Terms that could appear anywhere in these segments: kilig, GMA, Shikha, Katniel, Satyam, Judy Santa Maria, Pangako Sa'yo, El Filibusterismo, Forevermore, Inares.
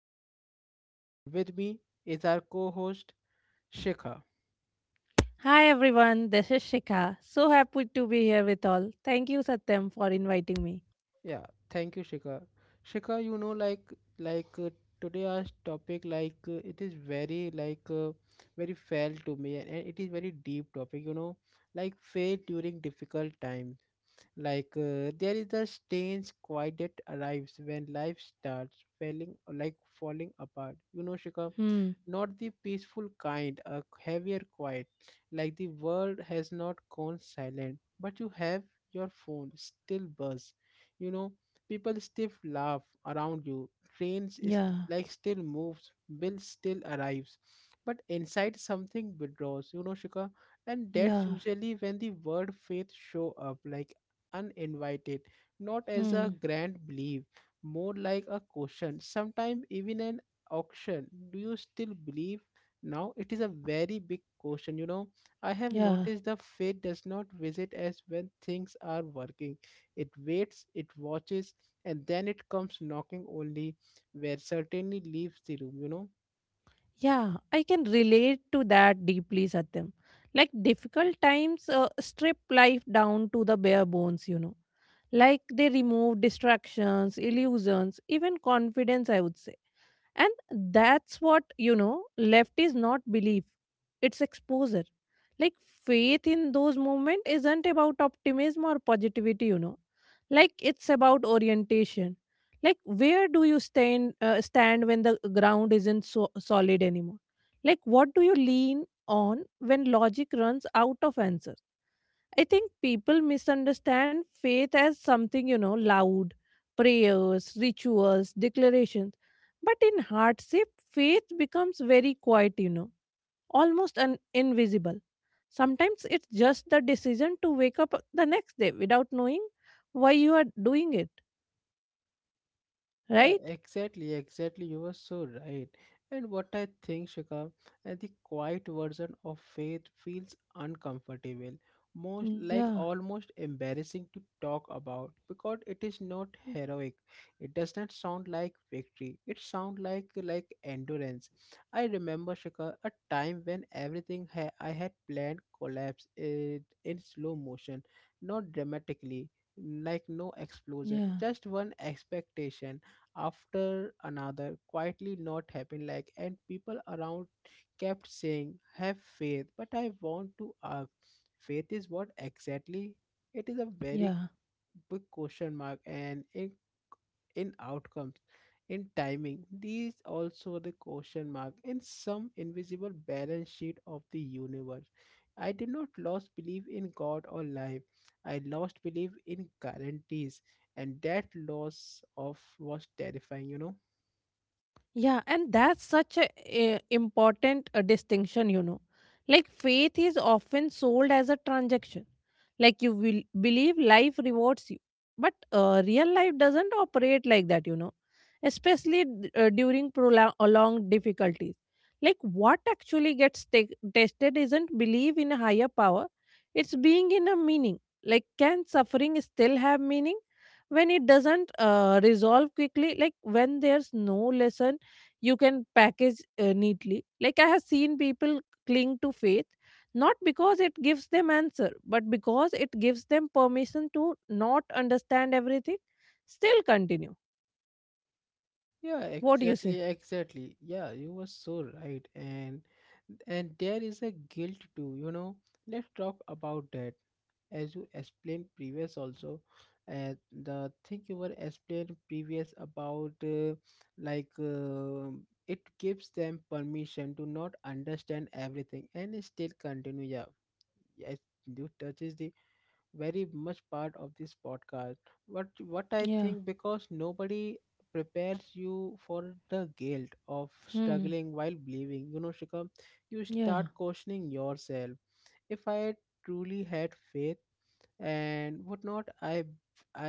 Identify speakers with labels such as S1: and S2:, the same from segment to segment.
S1: Satyam, and with me is our co-host Shikha.
S2: Hi everyone, this is Shikha. So happy to be here with all. Thank you, Satyam, for inviting me.
S1: Yeah, thank you, Shikha. Shikha, like today our topic like it is very like very felt to me, and it is very deep topic. Like faith during difficult times. Like there is a strange quiet that arrives when life starts falling, like falling apart. Shikha,
S2: Hmm.
S1: not the peaceful kind, a heavier quiet, like the world has not gone silent, but you have your phone still buzz. You know, people still laugh around you, trains is
S2: Yeah.
S1: like still moves, bill still arrives, but inside something withdraws. Shika, and that's
S2: Yeah.
S1: usually when the word faith show up, like uninvited, not as a
S2: Hmm.
S1: grand belief, more like a question, sometimes even an auction. Do you still believe? Now it is a very big question. I have
S2: Yeah.
S1: noticed the faith does not visit as when things are working. It waits, it watches, and then it comes knocking only where certainly leaves the room.
S2: Yeah. I can relate to that deeply, Satyam. Like difficult times strip life down to the bare bones. Like they remove distractions, illusions, even confidence, I would say. And that's what, left is not belief. It's exposure. Like faith in those moments isn't about optimism or positivity. Like it's about orientation. Like where do you stand when the ground isn't so solid anymore. Like what do you lean on when logic runs out of answers. I think people misunderstand faith as something loud, prayers, rituals, declarations. But in hardship, faith becomes very quiet, almost invisible. Sometimes it's just the decision to wake up the next day without knowing why you are doing it,
S1: Yeah,
S2: right?
S1: exactly, exactly. You were so right. And what I think, Shikha, the quiet version of faith feels uncomfortable, most
S2: Yeah,
S1: like almost embarrassing to talk about because it is not heroic. It does not sound like victory. It sounds like endurance. I remember, Shikha, a time when everything I had planned collapsed it in slow motion, not dramatically, like no
S2: yeah,
S1: explosion, just one expectation after another quietly not happen, like, and people around kept saying have faith. But I want to ask, faith is what exactly? It is a
S2: yeah.
S1: very big question mark, and in outcomes, in timing, these also the question mark in some invisible balance sheet of the universe. I did not lost belief in God or life, I lost belief in guarantees, and that loss of was terrifying.
S2: Yeah, and that's such a, important distinction, Like faith is often sold as a transaction. Like you will believe life rewards you. But real life doesn't operate like that. Especially during prolonged difficulties. Like what actually gets tested isn't belief in a higher power, it's being in a meaning. Like can suffering still have meaning when it doesn't resolve quickly? Like when there's no lesson you can package neatly, like I have seen people cling to faith, not because it gives them answer, but because it gives them permission to not understand everything, still continue.
S1: Yeah,
S2: What do you say?
S1: exactly, exactly. Yeah, you were so right. And there is a guilt too. Let's talk about that. As you explained previous also, uh, the thing you were explained previous about like it gives them permission to not understand everything and still continue. Yeah, yes, you touches the very much part of this podcast. What I
S2: Yeah.
S1: think because nobody prepares you for the guilt of
S2: Hmm.
S1: struggling while believing. Shikha, you
S2: Yeah,
S1: start questioning yourself. If I truly had faith and whatnot, i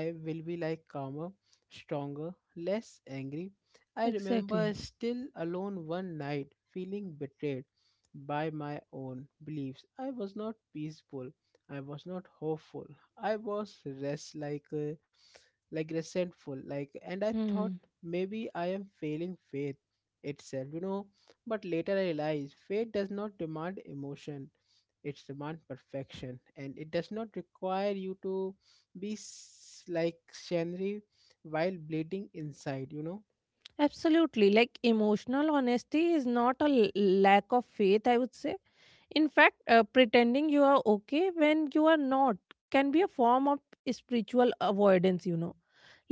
S1: i will be like calmer, stronger, less angry. I remember
S2: exactly.
S1: still alone one night feeling betrayed by my own beliefs. I was not peaceful, I was not hopeful, I was rest like resentful, and I thought
S2: Hmm.
S1: maybe I am failing faith itself. But later I realized faith does not demand emotion, it's demand perfection, and it does not require you to be like scenery while bleeding inside.
S2: Absolutely. Like emotional honesty is not a lack of faith, I would say. In fact, pretending you are okay when you are not can be a form of spiritual avoidance, you know.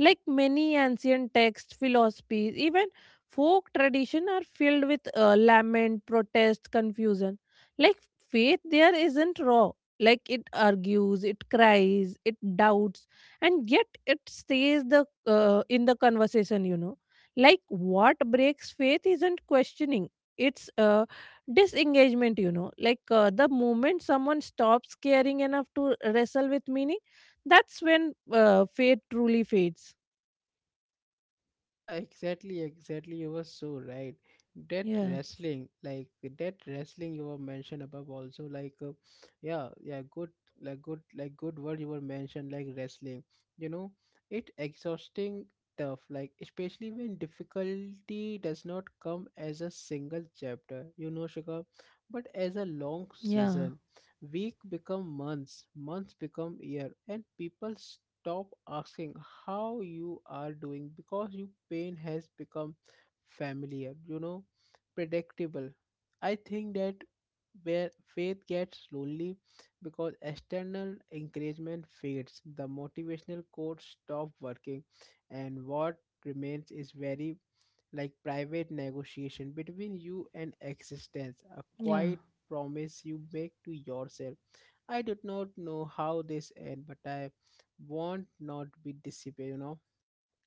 S2: Like many ancient texts, philosophies, even folk tradition are filled with lament, protest, confusion. Like faith there isn't raw. Like it argues, it cries, it doubts, and yet it stays the in the conversation, you know. Like what breaks faith isn't questioning. It's disengagement, you know. Like the moment someone stops caring enough to wrestle with meaning, that's when faith truly fades.
S1: Yeah, exactly, exactly. You were so right. That
S2: Yeah.
S1: wrestling, that wrestling you were mentioned above also, yeah, yeah, good word you were mentioned, like, wrestling. You know, it exhausting tough, like especially when difficulty does not come as a single chapter, Shikha, but as a long
S2: Yeah.
S1: season. Week become months, months become year, and people stop asking how you are doing because your pain has become familiar, predictable. I think that where faith gets lonely because external encouragement fades, the motivational quotes stop working, and what remains is very like private negotiation between you and existence, a
S2: Yeah.
S1: quiet promise you make to yourself. I do not know how this end, but I won't not be disappear.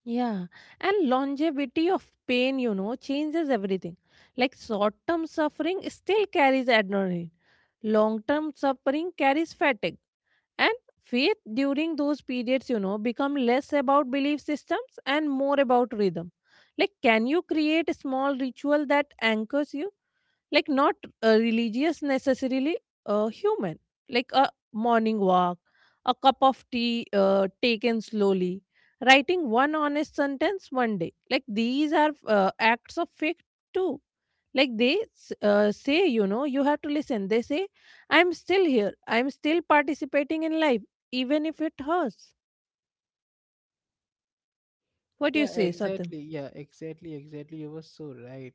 S2: Yeah, and longevity of pain changes everything. Like short term suffering still carries adrenaline, long term suffering carries fatigue. And faith during those periods, become less about belief systems and more about rhythm. Like, can you create a small ritual that anchors you? Like not religious necessarily, human, like a morning walk, a cup of tea taken slowly, writing one honest sentence one day. Like these are acts of faith too. Like they say, you know, you have to listen. They say, I'm still here, I'm still participating in life, even if it hurts. What do you
S1: Yeah,
S2: say, Satyam?
S1: exactly. Yeah, exactly, exactly. You were so right.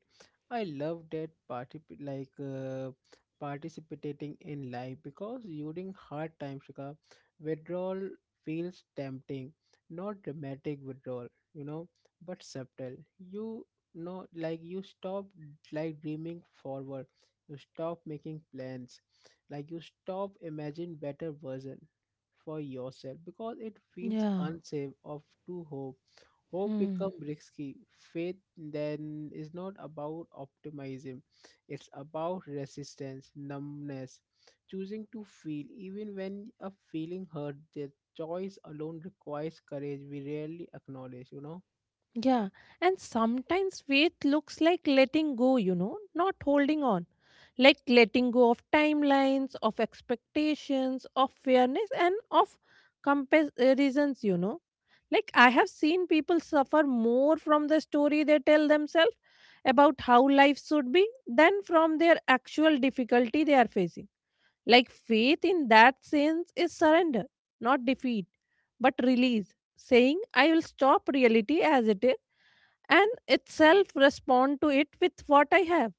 S1: I love that party, participating in life because during hard times, Shika, withdrawal feels tempting, not dramatic withdrawal, you know, but subtle. Like you stop like dreaming forward. You stop making plans. Like you stop imagine better version for yourself because it feels
S2: Yeah.
S1: unsafe of to hope. Hope become
S2: Hmm.
S1: risky. Faith then is not about optimism. It's about resistance, numbness, choosing to feel even when a feeling hurt. The choice alone requires courage we rarely acknowledge.
S2: Yeah, and sometimes faith looks like letting go, you know, not holding on. Like letting go of timelines, of expectations, of fairness, and of comparisons. Like I have seen people suffer more from the story they tell themselves about how life should be than from their actual difficulty they are facing. Like faith in that sense is surrender, not defeat, but release, saying, I will stop reality as it is and itself respond to it with what I have.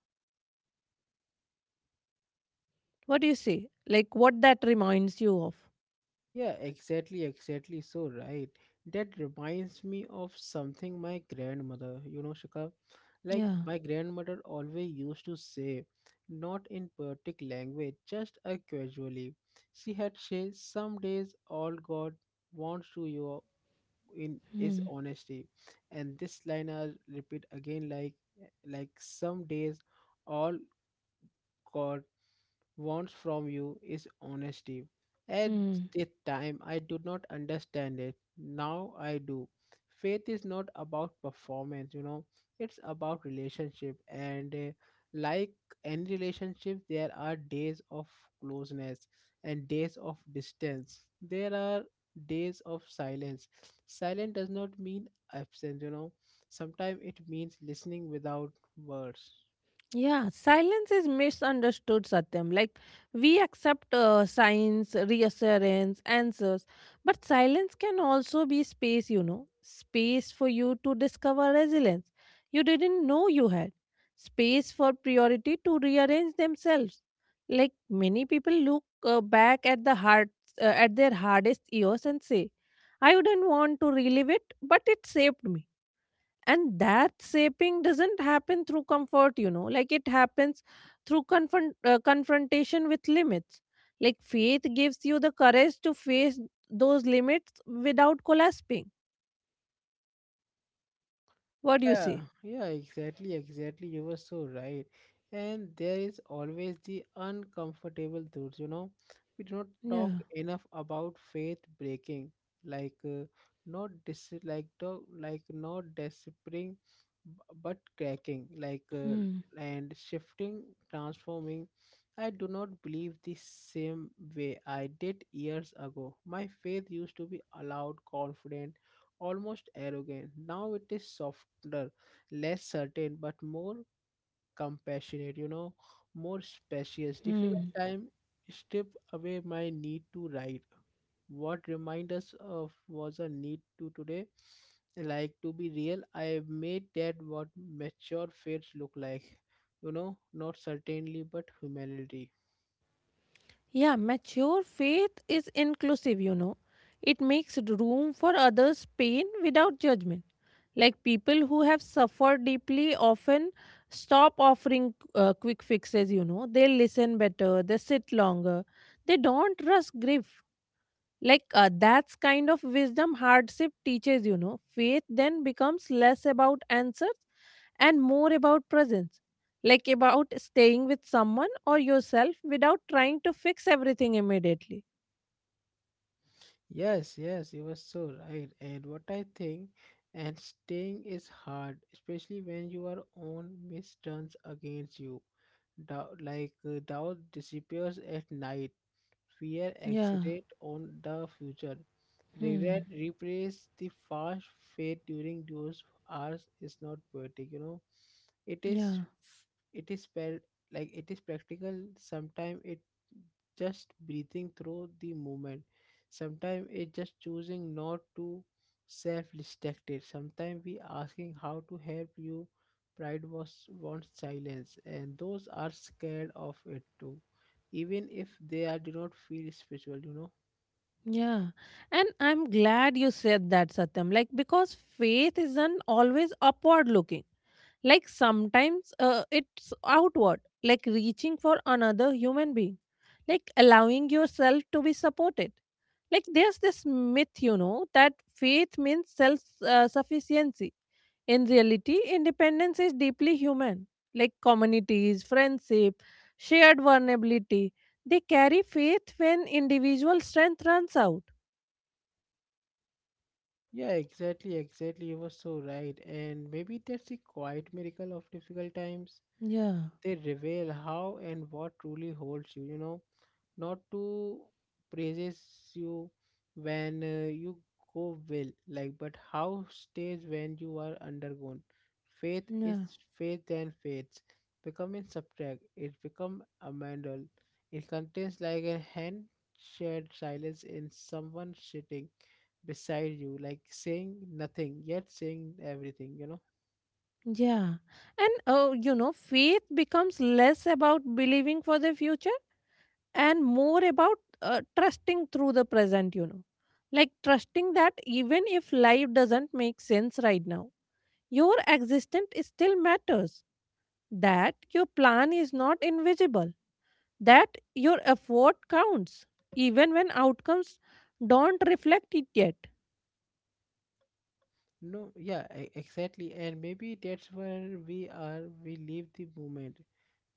S2: What do you say? Like what that reminds you of?
S1: Yeah, exactly, exactly. So right. That reminds me of something my grandmother, Shika, like
S2: Yeah.
S1: my grandmother always used to say, not in perfect language, just casually. She had said, "Some days all God wants to you in is
S2: Hmm.
S1: honesty," and this line I repeat again, like some days all God wants from you is honesty. At
S2: Hmm.
S1: the time, I do not understand it. Now I do. Faith is not about performance, it's about relationship. And like any relationship, there are days of closeness and days of distance. There are days of silence. Silence does not mean absence, sometimes it means listening without words.
S2: Yeah, silence is misunderstood, Satyam. Like, we accept signs, reassurance, answers, but silence can also be space, you know, space for you to discover resilience you didn't know you had, space for priority to rearrange themselves. Like, many people look back at the heart, at their hardest years and say, I wouldn't want to relive it, but it saved me. And that shaping doesn't happen through comfort, you know. Like it happens through confrontation with limits. Like faith gives you the courage to face those limits without collapsing. What do you
S1: Yeah,
S2: say?
S1: yeah, exactly, exactly. You were so right. And there is always the uncomfortable truth. We do not talk
S2: Yeah.
S1: enough about faith breaking, like uh, not dis like to like not despairing, b- but cracking,
S2: Hmm.
S1: and shifting, transforming. I do not believe the same way I did years ago. My faith used to be allowed, confident, almost arrogant. Now it is softer, less certain, but more compassionate, more spacious. Difficult
S2: Hmm.
S1: time strip away my need to write. What remind us of was a need to today. Like to be real, I have made that what mature faiths look like. Not certainly but humanity.
S2: Yeah, mature faith is inclusive, you know. It makes room for others' pain without judgment. Like people who have suffered deeply often stop offering quick fixes, you know. They listen better, they sit longer, they don't rush grief. Like that's kind of wisdom hardship teaches, you know. Faith then becomes less about answers and more about presence, like about staying with someone or yourself without trying to fix everything immediately.
S1: Yes, yes, you were so right. And what I think, and staying is hard, especially when your own miss turns against you. Doubt, doubt disappears at night. Fear
S2: Yeah.
S1: accelerate on the future.
S2: Hmm.
S1: Regret replace the fast fate during those hours is not poetic. It is
S2: Yeah.
S1: it is spelled like it is practical. Sometimes it just breathing through the moment. Sometimes it just choosing not to self-destruct it. Sometimes we asking how to help you. Pride was wants silence, and those are scared of it too even if they are, do not feel spiritual.
S2: Yeah. And I'm glad you said that, Satyam. Like, because faith isn't always upward looking. Like, sometimes it's outward, like reaching for another human being, like allowing yourself to be supported. Like, there's this myth, you know, that faith means self sufficiency. In reality, independence is deeply human, like communities, friendship, shared vulnerability. They carry faith when individual strength runs out.
S1: Yeah, exactly, exactly. You were so right. And maybe that's the quiet miracle of difficult times.
S2: Yeah.
S1: They reveal how and what truly holds you, you know. Not to praises you when you go well like but how stays when you are undergone. faith is
S2: Yeah.
S1: faith and faith become in subtract, it become a mandal. It contains like a hand shared silence in someone sitting beside you like saying nothing yet saying everything.
S2: Yeah. And faith becomes less about believing for the future and more about trusting through the present, you know. Like trusting that even if life doesn't make sense right now, your existence still matters, that your plan is not invisible, that your effort counts even when outcomes don't reflect it yet.
S1: No, yeah, exactly, and maybe that's where we leave the moment,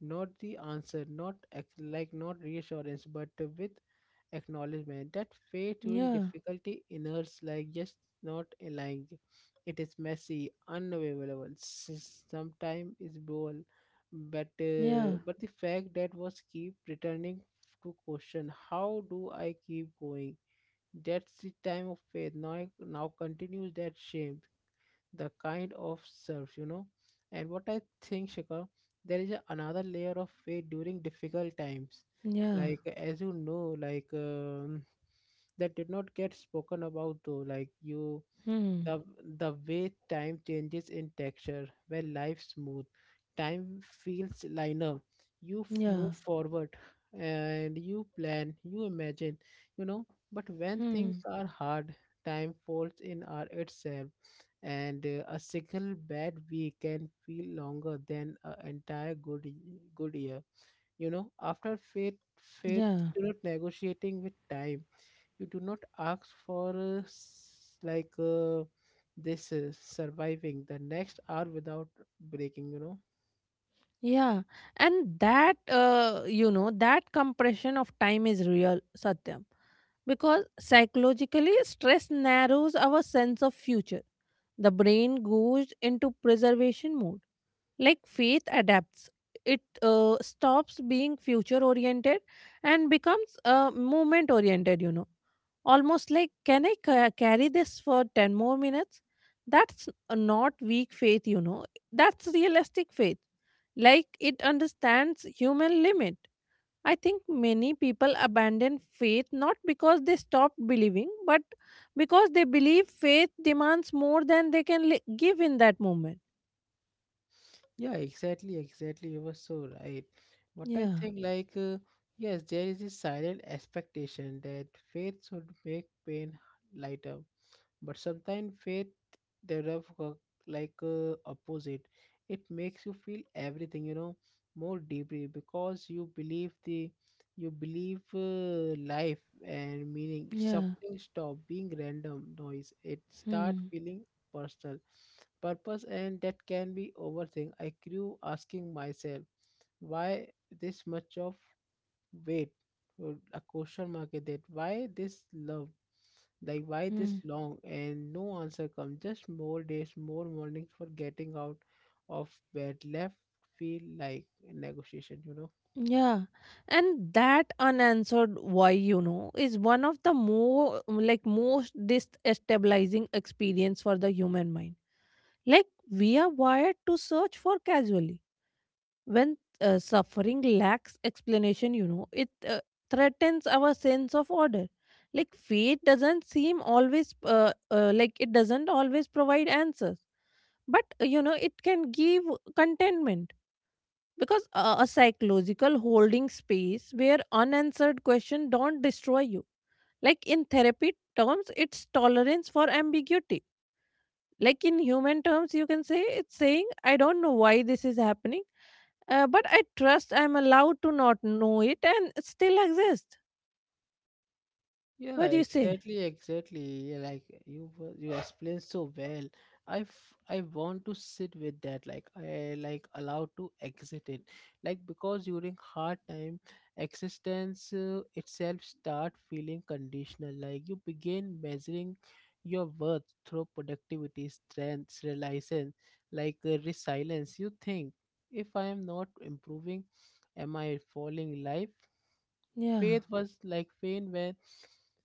S1: not the answer, not ac- like not reassurance, but with acknowledgement that faith during
S2: Yeah.
S1: difficulty inerts like just not lying. It is messy, unavailable, sometimes is bold, but
S2: Yeah.
S1: uh, but the fact that was keep returning to question, how do I keep going? That's the time of faith. Now continues that shame the kind of serves. And what I think, Shikha, there is another layer of faith during difficult times.
S2: Yeah.
S1: Like as you know, that did not get spoken about though. Like you
S2: Hmm.
S1: the the way time changes in texture where life smooth time feels liner, you
S2: Yeah.
S1: move forward, and you plan, you imagine you know but when things
S2: Hmm.
S1: are hard time folds in our itself, and a single bad week can feel longer than an entire good year. After fate,
S2: Yeah.
S1: negotiating with time, you do not ask for like this surviving the next hour without breaking.
S2: Yeah, and that you know that compression of time is real, Satyam, because psychologically stress narrows our sense of future. The brain goes into preservation mode. Like faith adapts, it stops being future oriented and becomes movement oriented. You know, almost like, can I carry this for ten more minutes? That's not weak faith. You know, that's realistic faith. Like it understands human limit. I think many people abandon faith not because they stopped believing, but because they believe faith demands more than they can give in that moment.
S1: Yeah, exactly, exactly. You were so right. What I
S2: Yeah.
S1: think yes there is a silent expectation that faith should make pain lighter, but sometimes faith they have like opposite, it makes you feel everything more deeply because you believe the you believe life and meaning
S2: Yeah.
S1: suffering stop being random noise. It start
S2: Hmm.
S1: feeling personal purpose, and that can be overthink. I grew asking myself why this much of wait, a question mark, is that why this love, like why this
S2: Hmm.
S1: long, and no answer comes, just more days, more mornings for getting out of bed left feel like a negotiation.
S2: Yeah. And that unanswered why, you know, is one of the more like most destabilizing experience for the human mind. Like we are wired to search for casually. When suffering lacks explanation, you know, it threatens our sense of order. Like fate doesn't seem always, like it doesn't always provide answers. But you know, it can give contentment, because a psychological holding space where unanswered questions don't destroy you. Like in therapy terms, it's tolerance for ambiguity. Like in human terms, you can say it's saying, I don't know why this is happening, but I trust I'm allowed to not know it and still exist. What do you
S1: Yeah,
S2: say?
S1: exactly, exactly. Yeah, like you, you explained so well. I, I want to sit with that. Like I like allowed to exit it. Like because during hard time, existence itself start feeling conditional. Like you begin measuring your worth through productivity, strength, resilience, like resilience. You think if I am not improving, am I falling life?
S2: Yeah.
S1: Faith was like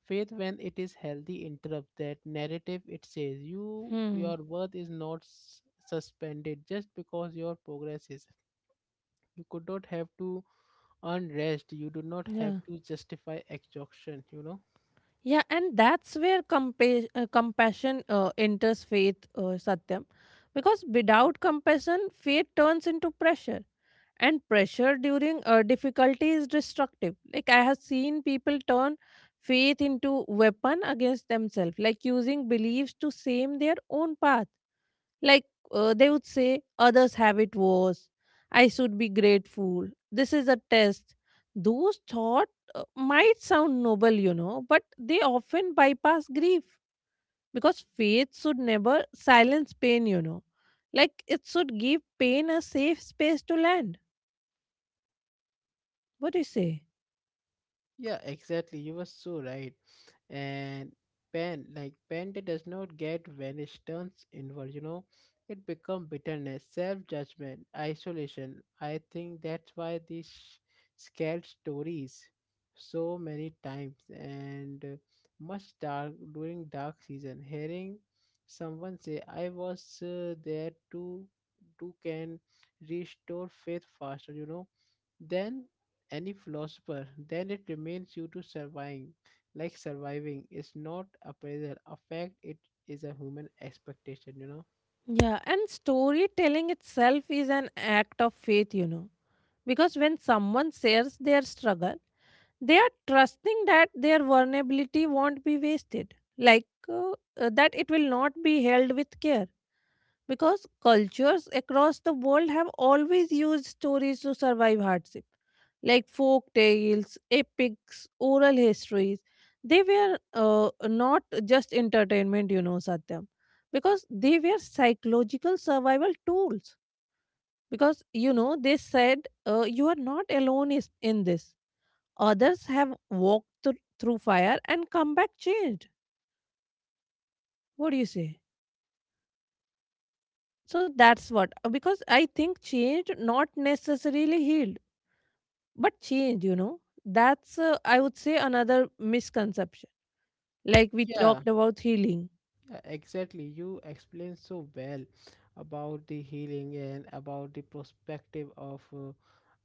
S1: faith when it is healthy interrupt that narrative, it says you
S2: Hmm.
S1: your worth is not suspended just because your progress is you could not have to earn rest, you do not have
S2: Yeah.
S1: to justify exhaustion.
S2: Yeah, and that's where compassion enters faith, Satyam. Because without compassion, faith turns into pressure. And pressure during difficulty is destructive. Like I have seen people turn faith into weapon against themselves, like using beliefs to shame their own path. Like they would say, others have it worse, I should be grateful, this is a test. Those thoughts might sound noble, you know, but they often bypass grief, because faith should never silence pain, you know. Like it should give pain a safe space to land. What do you say?
S1: Yeah, exactly. You were so right. And pen like panda does not get when it turns inward, you know. It becomes bitterness, self-judgment, isolation. I think that's why scared stories so many times and much dark during dark season. Hearing someone say, "I was there too," too can restore faith faster, you know. Then any philosopher, then it remains you to surviving. Like surviving is not a pressure, a fact, it is a human expectation, you know?
S2: Yeah, and storytelling itself is an act of faith, you know, because when someone shares their struggle, they are trusting that their vulnerability won't be wasted, like that it will not be held with care, because cultures across the world have always used stories to survive hardship, like folk tales, epics, oral histories. They were not just entertainment, you know, Satyam, because they were psychological survival tools. Because, you know, they said, you are not alone in this. Others have walked through fire and come back changed. What do you say? So that's what, because I think change, not necessarily healed. But change, you know, that's, I would say, another misconception. Like we
S1: Yeah.
S2: talked about healing.
S1: Yeah, exactly. You explained so well about the healing and about the perspective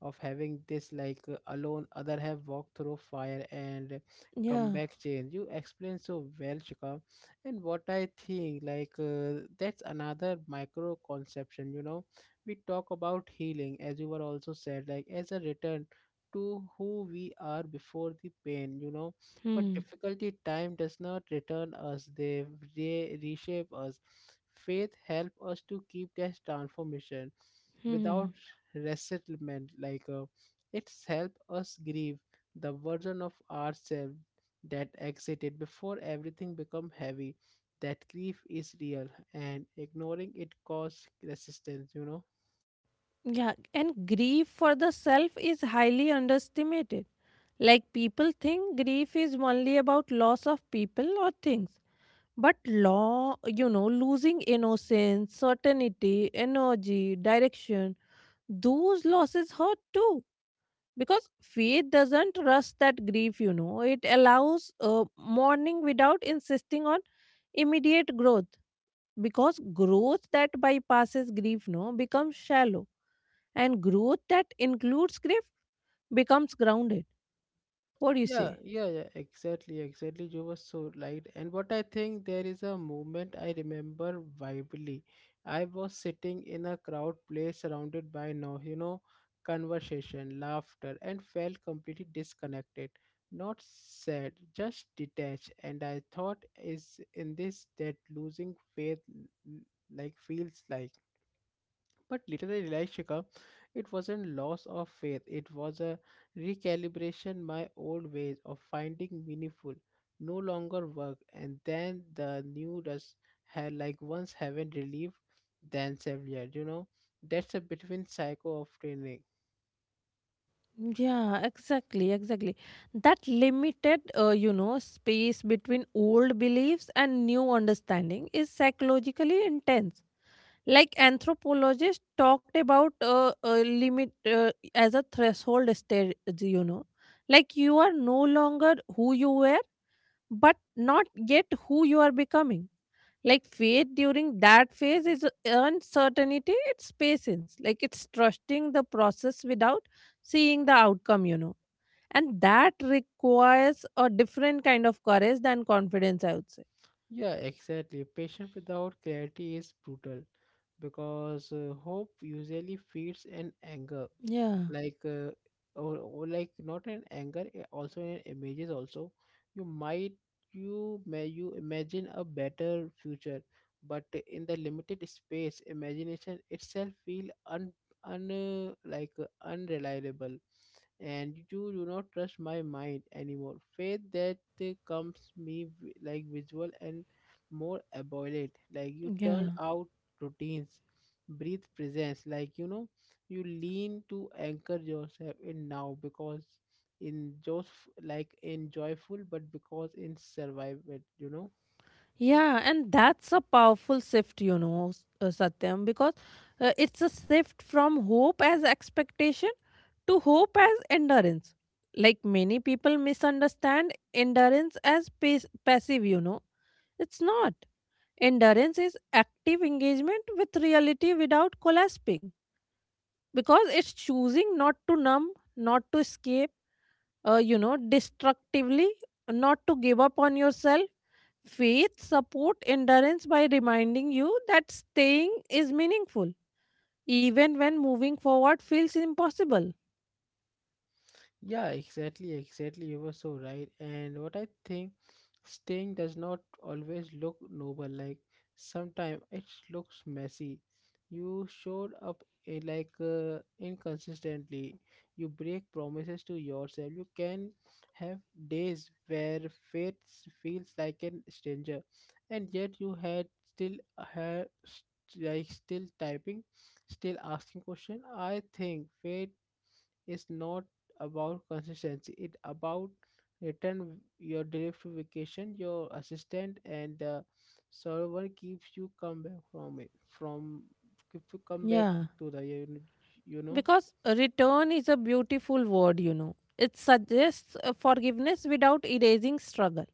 S1: of having this like alone other have walked through fire and come
S2: Yeah.
S1: back change. You explained so well, Shikha. And what I think like that's another micro conception, you know. We talk about healing as you were also said like as a return to who we are before the pain, you know, but
S2: Hmm.
S1: difficulty time does not return us, they reshape us. Faith help us to keep this transformation without
S2: Hmm.
S1: resentment. Like, it's help us grieve the version of ourselves that exited before everything become heavy. That grief is real, and ignoring it cause resistance. You know.
S2: Yeah. And grief for the self is highly underestimated. Like people think grief is only about loss of people or things. But law, you know, losing innocence, certainty, energy, direction, those losses hurt too, because faith doesn't rush that grief, you know. It allows mourning without insisting on immediate growth, because growth that bypasses grief no becomes shallow, and growth that includes grief becomes grounded. What do you say?
S1: Yeah, yeah, yeah, exactly, exactly. You were so right. And what I think there is a moment I remember vividly. I was sitting in a crowd place surrounded by no, you know, conversation, laughter, and felt completely disconnected. Not sad, just detached. And I thought, is in this that losing faith l- like feels like. But later I realized, Shikha, it wasn't loss of faith. It was a recalibration. My old ways of finding meaningful no longer work, and then the new does had like once haven't relieved than severe. You know, that's a between psycho of training.
S2: Yeah, exactly, exactly. That limited, space between old beliefs and new understanding is psychologically intense. Like anthropologists talked about limit as a threshold stage, you know. Like you are no longer who you were, but not yet who you are becoming. Like faith during that phase is uncertainty, it's patience. Like it's trusting the process without seeing the outcome, you know. And that requires a different kind of courage than confidence, I would say.
S1: Yeah, exactly. Patient without clarity is brutal because hope usually feeds an anger
S2: Yeah.
S1: like or like not in anger also in images also you might you may you imagine a better future but in the limited space imagination itself feel un, un like unreliable and you do not trust my mind anymore. Faith that comes me like visual and more abhorrent. Like you
S2: Yeah.
S1: turn out routines, breathe presence. Like you know, you lean to anchor yourself in now because in just like in joyful, but because in survival. You know.
S2: Yeah, and that's a powerful shift, you know, Satyam, because it's a shift from hope as expectation to hope as endurance. Like many people misunderstand endurance as passive, It's not. Endurance is active engagement with reality without collapsing because it's choosing not to numb, not to escape, destructively, not to give up on yourself. Faith support endurance by reminding you that staying is meaningful even when moving forward feels impossible.
S1: Yeah, exactly, exactly. You were so right. And what I think, staying does not always look noble. Like sometimes it looks messy. You showed up like, inconsistently. You break promises to yourself. You can have days where feels like an stranger, and yet you had still had like still typing, still asking question. I think fate is not about consistency, it about return your vacation, your assistant and the server keeps you come back
S2: Yeah,
S1: to the you, you know.
S2: because return is a beautiful word, It suggests forgiveness without erasing struggle.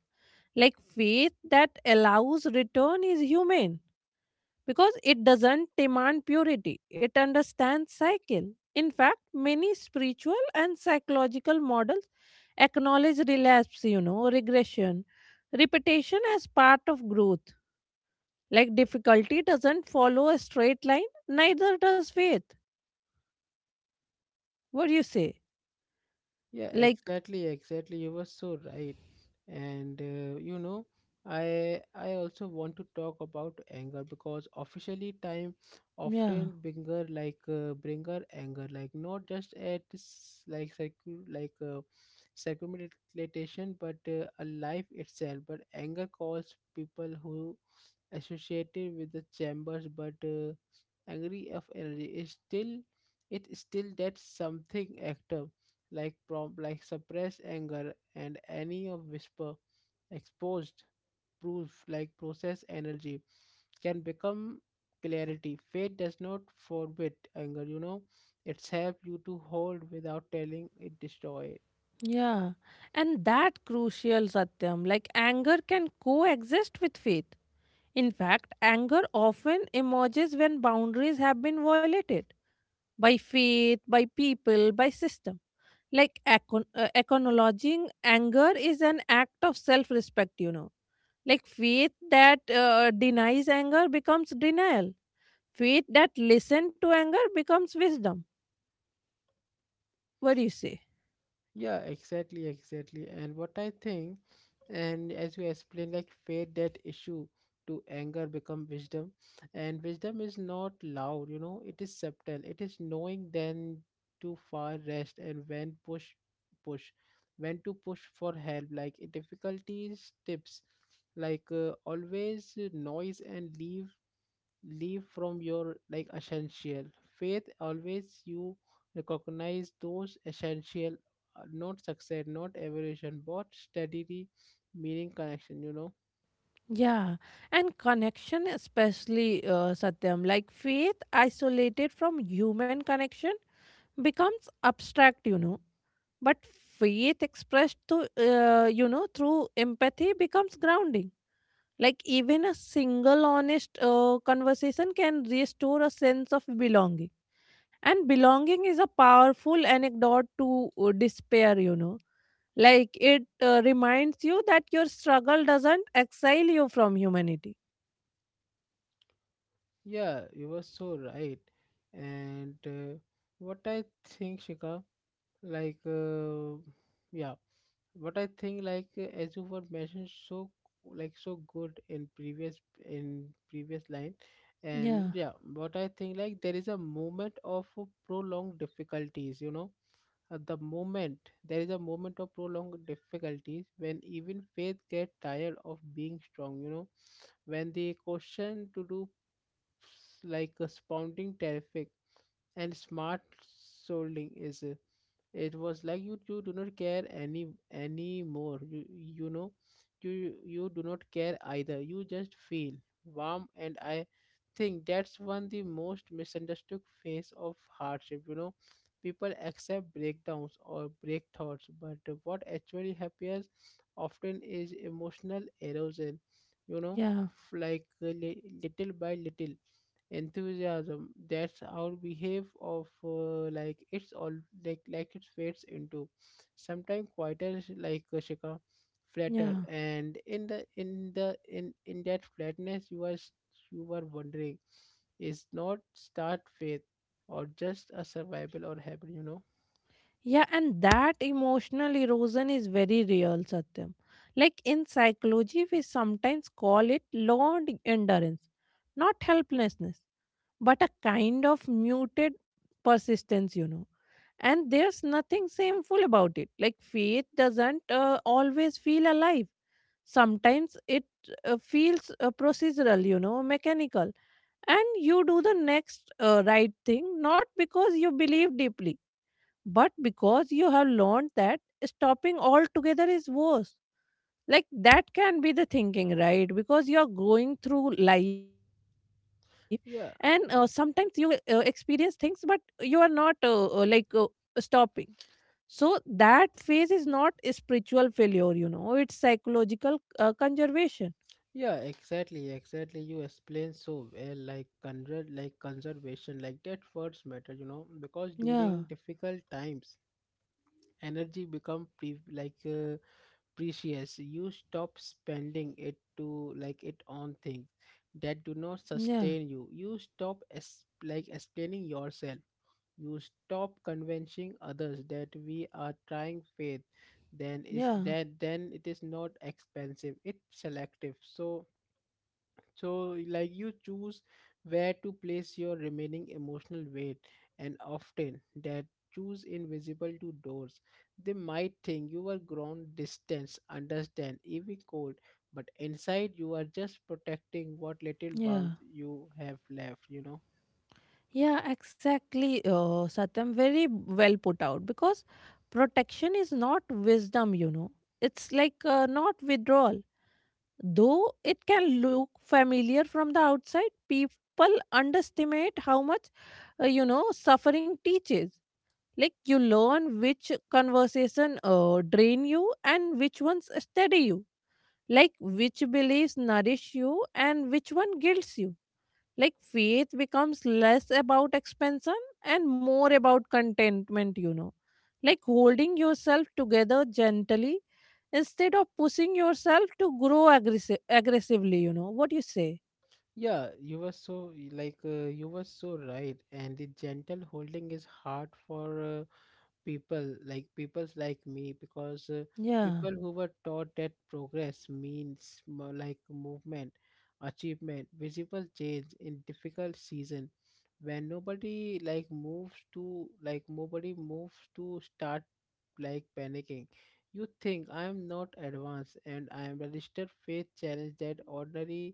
S2: Like faith that allows return is human, because it doesn't demand purity, it understands cycle. In fact, many spiritual and psychological models acknowledge relapse, regression, repetition as part of growth. Like difficulty doesn't follow a straight line, neither does faith. What do you say?
S1: Yeah,
S2: Like,
S1: exactly, exactly. You were so right. And you know, I also want to talk about anger because officially time
S2: yeah,
S1: often bringer anger like not just at circumlocution but a life itself. But anger calls people who associated with the chambers but angry of energy is still it is still that something active like suppressed anger and any of whisper exposed proof like process energy can become clarity. Fate does not forbid anger, you know, it's help you to hold without telling it destroy.
S2: yeah. And that crucial satyam, like anger can coexist with faith. In fact, anger often emerges when boundaries have been violated by faith, by people, by system. Like acknowledging anger is an act of self respect, Like faith that denies anger becomes denial, faith that listens to anger becomes wisdom. What do you say?
S1: Yeah, exactly, exactly. And what I think, and as we explained, like fade that issue to anger become wisdom. And wisdom is not loud, you know, it is subtle. It is knowing then to far rest and when push. When to push for help, like difficulties tips, always noise and leave from your like essential faith always you recognize those essential not success not evolution but steadily meaning connection, you know.
S2: Yeah, and connection, especially Satyam, like faith isolated from human connection becomes abstract, But faith expressed to, through empathy becomes grounding. Like even a single honest conversation can restore a sense of belonging. And belonging is a powerful anecdote to despair, Like it reminds you that your struggle doesn't exile you from humanity.
S1: Yeah, you were so right. And what I think, Shika, like uh, yeah, but I think as you were mentioned so like so good in previous line, and
S2: Yeah,
S1: yeah, but I think like there is a moment of prolonged difficulties, you know. At the moment, there is a moment of prolonged difficulties when even faith get tired of being strong, you know, when the question to do like a spounding terrific and smart solding is it was like you do not care anymore, you know, you do not care either, you just feel warm. And I think that's one the most misunderstood phase of hardship, you know. People accept breakdowns or break thoughts but what actually happens often is emotional erosion, you know.
S2: yeah,
S1: Little by little enthusiasm that's our behave of like it's all like it fades into sometimes quieter like a Shika flatter,
S2: yeah.
S1: and in the in the in that flatness you you were wondering is not start faith or just a survival or habit, you know.
S2: Yeah, and that emotional erosion is very real, Satyam. Like in psychology, we sometimes call it learned endurance, not helplessness but a kind of muted persistence, And there's nothing shameful about it. Like faith doesn't always feel alive. Sometimes it feels procedural, mechanical. And you do the next right thing, not because you believe deeply, but because you have learned that stopping altogether is worse. Like that can be the thinking, right? Because you're going through life and sometimes
S1: Yeah,
S2: you experience things but you are not, stopping. So that phase is not a spiritual failure, it's psychological conservation.
S1: yeah, exactly, exactly, you explain so well. Like conservation, like that words matter, you know, because
S2: Yeah,
S1: during difficult times energy become precious. You stop spending it to like it on things that do not
S2: yeah,
S1: sustain you, you stop explaining yourself, you stop convincing others that we are trying. Faith then is
S2: yeah,
S1: that then it is not expensive, it's selective. So, so, like you choose where to place your remaining emotional weight, and often that choose invisible to doors. They might think you are grown, distance, understand, even cold, but inside you are just protecting what little
S2: yeah,
S1: warmth you have left. You know.
S2: yeah, exactly, satyam, very well put out because protection is not wisdom, it's like not withdrawal. Though it can look familiar from the outside, people underestimate how much, suffering teaches. Like you learn which conversation drain you and which ones steady you. Like which beliefs nourish you and which one guilts you. Like faith becomes less about expansion and more about contentment, Like holding yourself together gently instead of pushing yourself to grow aggressively. You know what you say?
S1: Yeah, you were so you were so right, and the gentle holding is hard for. People like peoples like me because
S2: Yeah.
S1: people who were taught that progress means movement achievement visible change in difficult season when nobody like moves to like nobody moves to start like panicking, you think I am not advanced and I am registered. Faith challenge that ordinary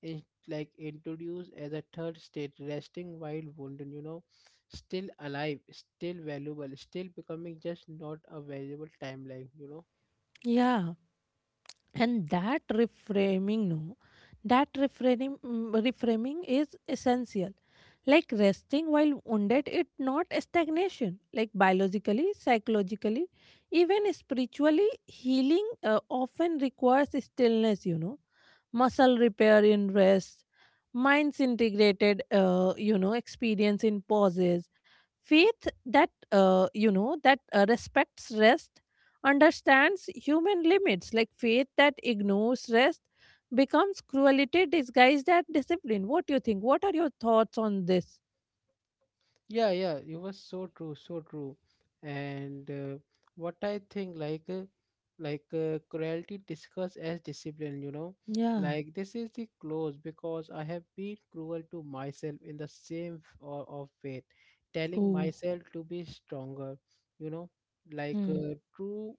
S1: in, like introduced as a third state, resting while wounded, you know, still alive, still valuable, still becoming, just not a valuable timeline, you know.
S2: Yeah. And that reframing, no, that reframing, reframing is essential. Like resting while wounded, it not a stagnation. Like biologically, psychologically, even spiritually, healing often requires stillness, muscle repair in rest, minds integrated experience in pauses. Faith that respects rest understands human limits. Like faith that ignores rest becomes cruelty disguised as discipline. What do you think? What are your thoughts on this?
S1: Yeah, yeah, it was so true, so true. And what I think cruelty discussed as discipline, you know,
S2: Yeah.
S1: like this is the close because I have been cruel to myself in the same or of faith, telling
S2: Oh.
S1: myself to be stronger, you know.
S2: Hmm.
S1: True.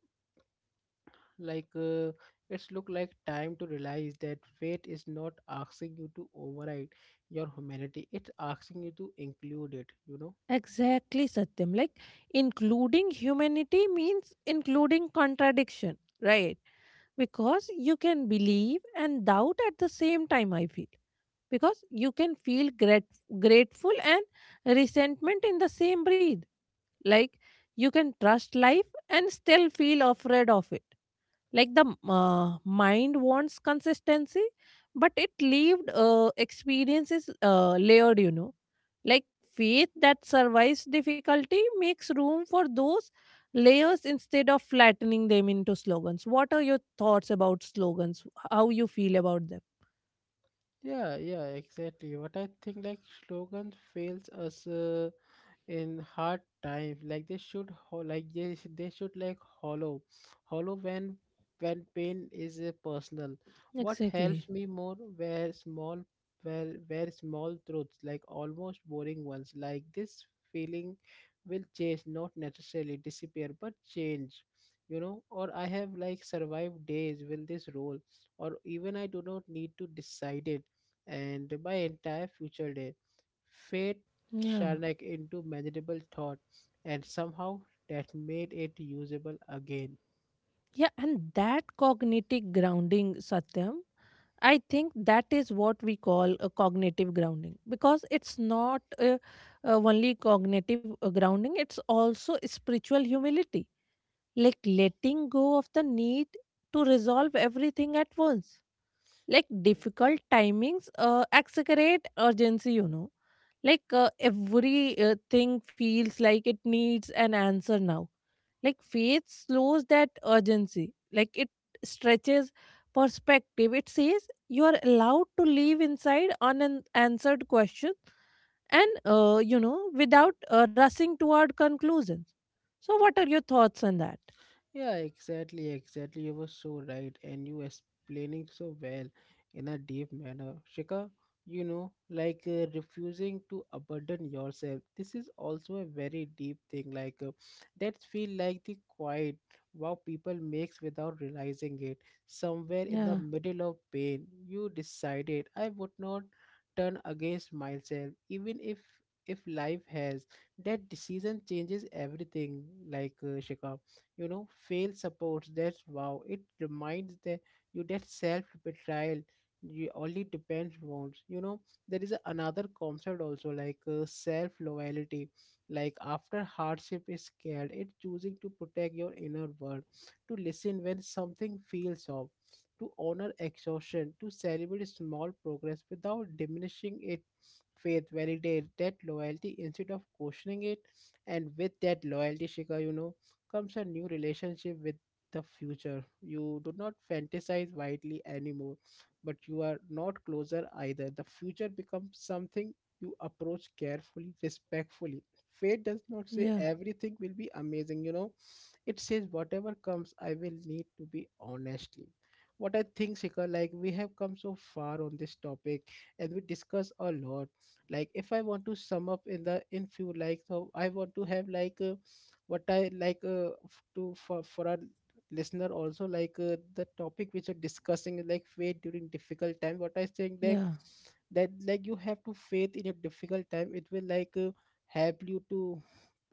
S1: like uh, it's look like time to realize that fate is not asking you to override your humanity, it's asking you to include it, you know.
S2: Exactly, Satyam. Like including humanity means including contradiction, right? Because you can believe and doubt at the same time, I feel. Because you can feel grateful and resentment in the same breath. Like you can trust life and still feel afraid of it. Like the mind wants consistency, but it lived experience is layered, like faith that survives difficulty makes room for those layers instead of flattening them into slogans. What are your thoughts about slogans? How you feel about them?
S1: Yeah, yeah, exactly. What I think, like slogans fails us in hard times, like they, they should like hollow hollow when pain is personal. What
S2: Exactly.
S1: helps me more were small were small truths, like almost boring ones, like this feeling will change, not necessarily disappear but change, you know. Or I have like survived days with this role, or even I do not need to decide it and my entire future day. Fate
S2: Yeah.
S1: Sharnak into manageable thought, and somehow that made it usable again.
S2: Yeah, and that cognitive grounding, Satyam, I think that is what we call a cognitive grounding because it's not only cognitive grounding, it's also spiritual humility, like letting go of the need to resolve everything at once. Like difficult timings exaggerate urgency, Like every thing feels like it needs an answer now. Like faith slows that urgency, like it stretches perspective. It says you are allowed to leave inside unanswered questions and, without rushing toward conclusions. So, what are your thoughts on that?
S1: Yeah, exactly, exactly. You were so right, and you explaining so well in a deep manner. Shika, you know, refusing to abandon yourself. This is also a very deep thing. That feel like the quiet wow people makes without realizing it. Somewhere in the
S2: Yeah,
S1: middle of pain, you decided I would not turn against myself, even if life has. That decision changes everything. Shika, you know, fail supports that wow, it reminds that you that self betrayal you only depends wounds, you know. There is a, another concept also self loyalty, like after hardship is scared, it choosing to protect your inner world, to listen when something feels off, to honor exhaustion, to celebrate small progress without diminishing it. Faith validate that loyalty instead of questioning it, and with that loyalty, Shika, you know, comes a new relationship with the future. You do not fantasize widely anymore, but you are not closer either. The future becomes something you approach carefully, respectfully. Fate does not say
S2: yeah,
S1: everything will be amazing, you know. It says whatever comes, I will need to be honestly. What I think, Shikhar, like we have come so far on this topic and we discuss a lot. Like if I want to sum up in the in few like, so I want to have like what I like to for our listener also, like the topic which you're discussing is like faith during difficult time. What I think that
S2: yeah.
S1: that like you have to faith in your difficult time. It will like help you to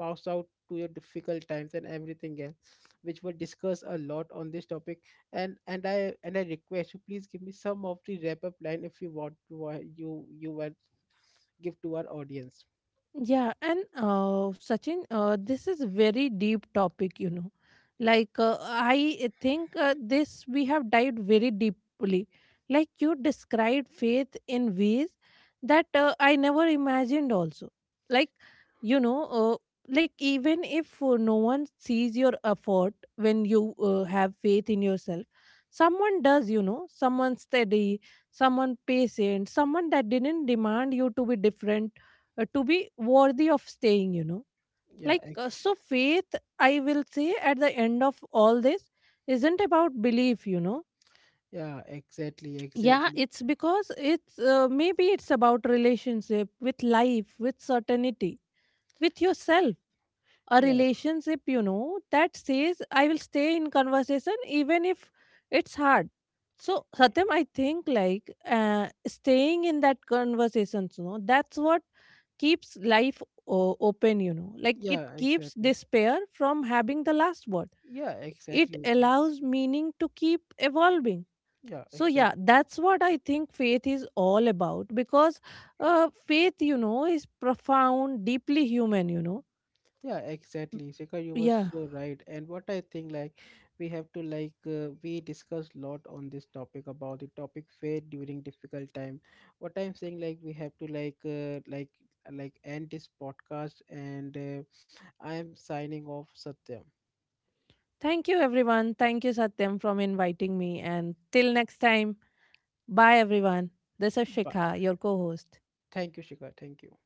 S1: pass out to your difficult times and everything else, which we discuss a lot on this topic. And I request you please give me some of the wrap up line if you want to you want give to our audience.
S2: Yeah, and Sachin, this is very deep topic, Like I think this we have dived very deeply. Like you described faith in ways that I never imagined. Also, like you know, uh, even if no one sees your effort when you have faith in yourself, someone does. You know, someone steady, someone patient, someone that didn't demand you to be different to be worthy of staying,
S1: Yeah,
S2: like
S1: ex-
S2: uh, so faith, I will say at the end of all this, isn't about belief,
S1: yeah, exactly,
S2: yeah,
S1: exactly.
S2: it's because it's maybe it's about relationship with life, with certainty, with yourself. A
S1: Yeah.
S2: relationship, that says I will stay in conversation even if it's hard. So satyam, I think like staying in that conversation, that's what keeps life open, like it
S1: Yeah,
S2: keeps
S1: exactly.
S2: despair from having the last word.
S1: Yeah,
S2: It
S1: exactly.
S2: allows meaning to keep evolving.
S1: Yeah,
S2: So, yeah,
S1: exactly.
S2: that's what I think faith is all about because faith, is profound, deeply human,
S1: Yeah, exactly. Shekhar, you were
S2: Yeah.
S1: so right. And what I think, like, we have to like we discussed lot on this topic about the topic fair during difficult time. What I'm saying, like, we have to like end this podcast, and I am signing off, Satyam.
S2: Thank you, everyone. Thank you, Satyam, from inviting me. And till next time, bye, everyone. This is
S1: But
S2: Shikha, your co host.
S1: thank you, Shikha. Thank you.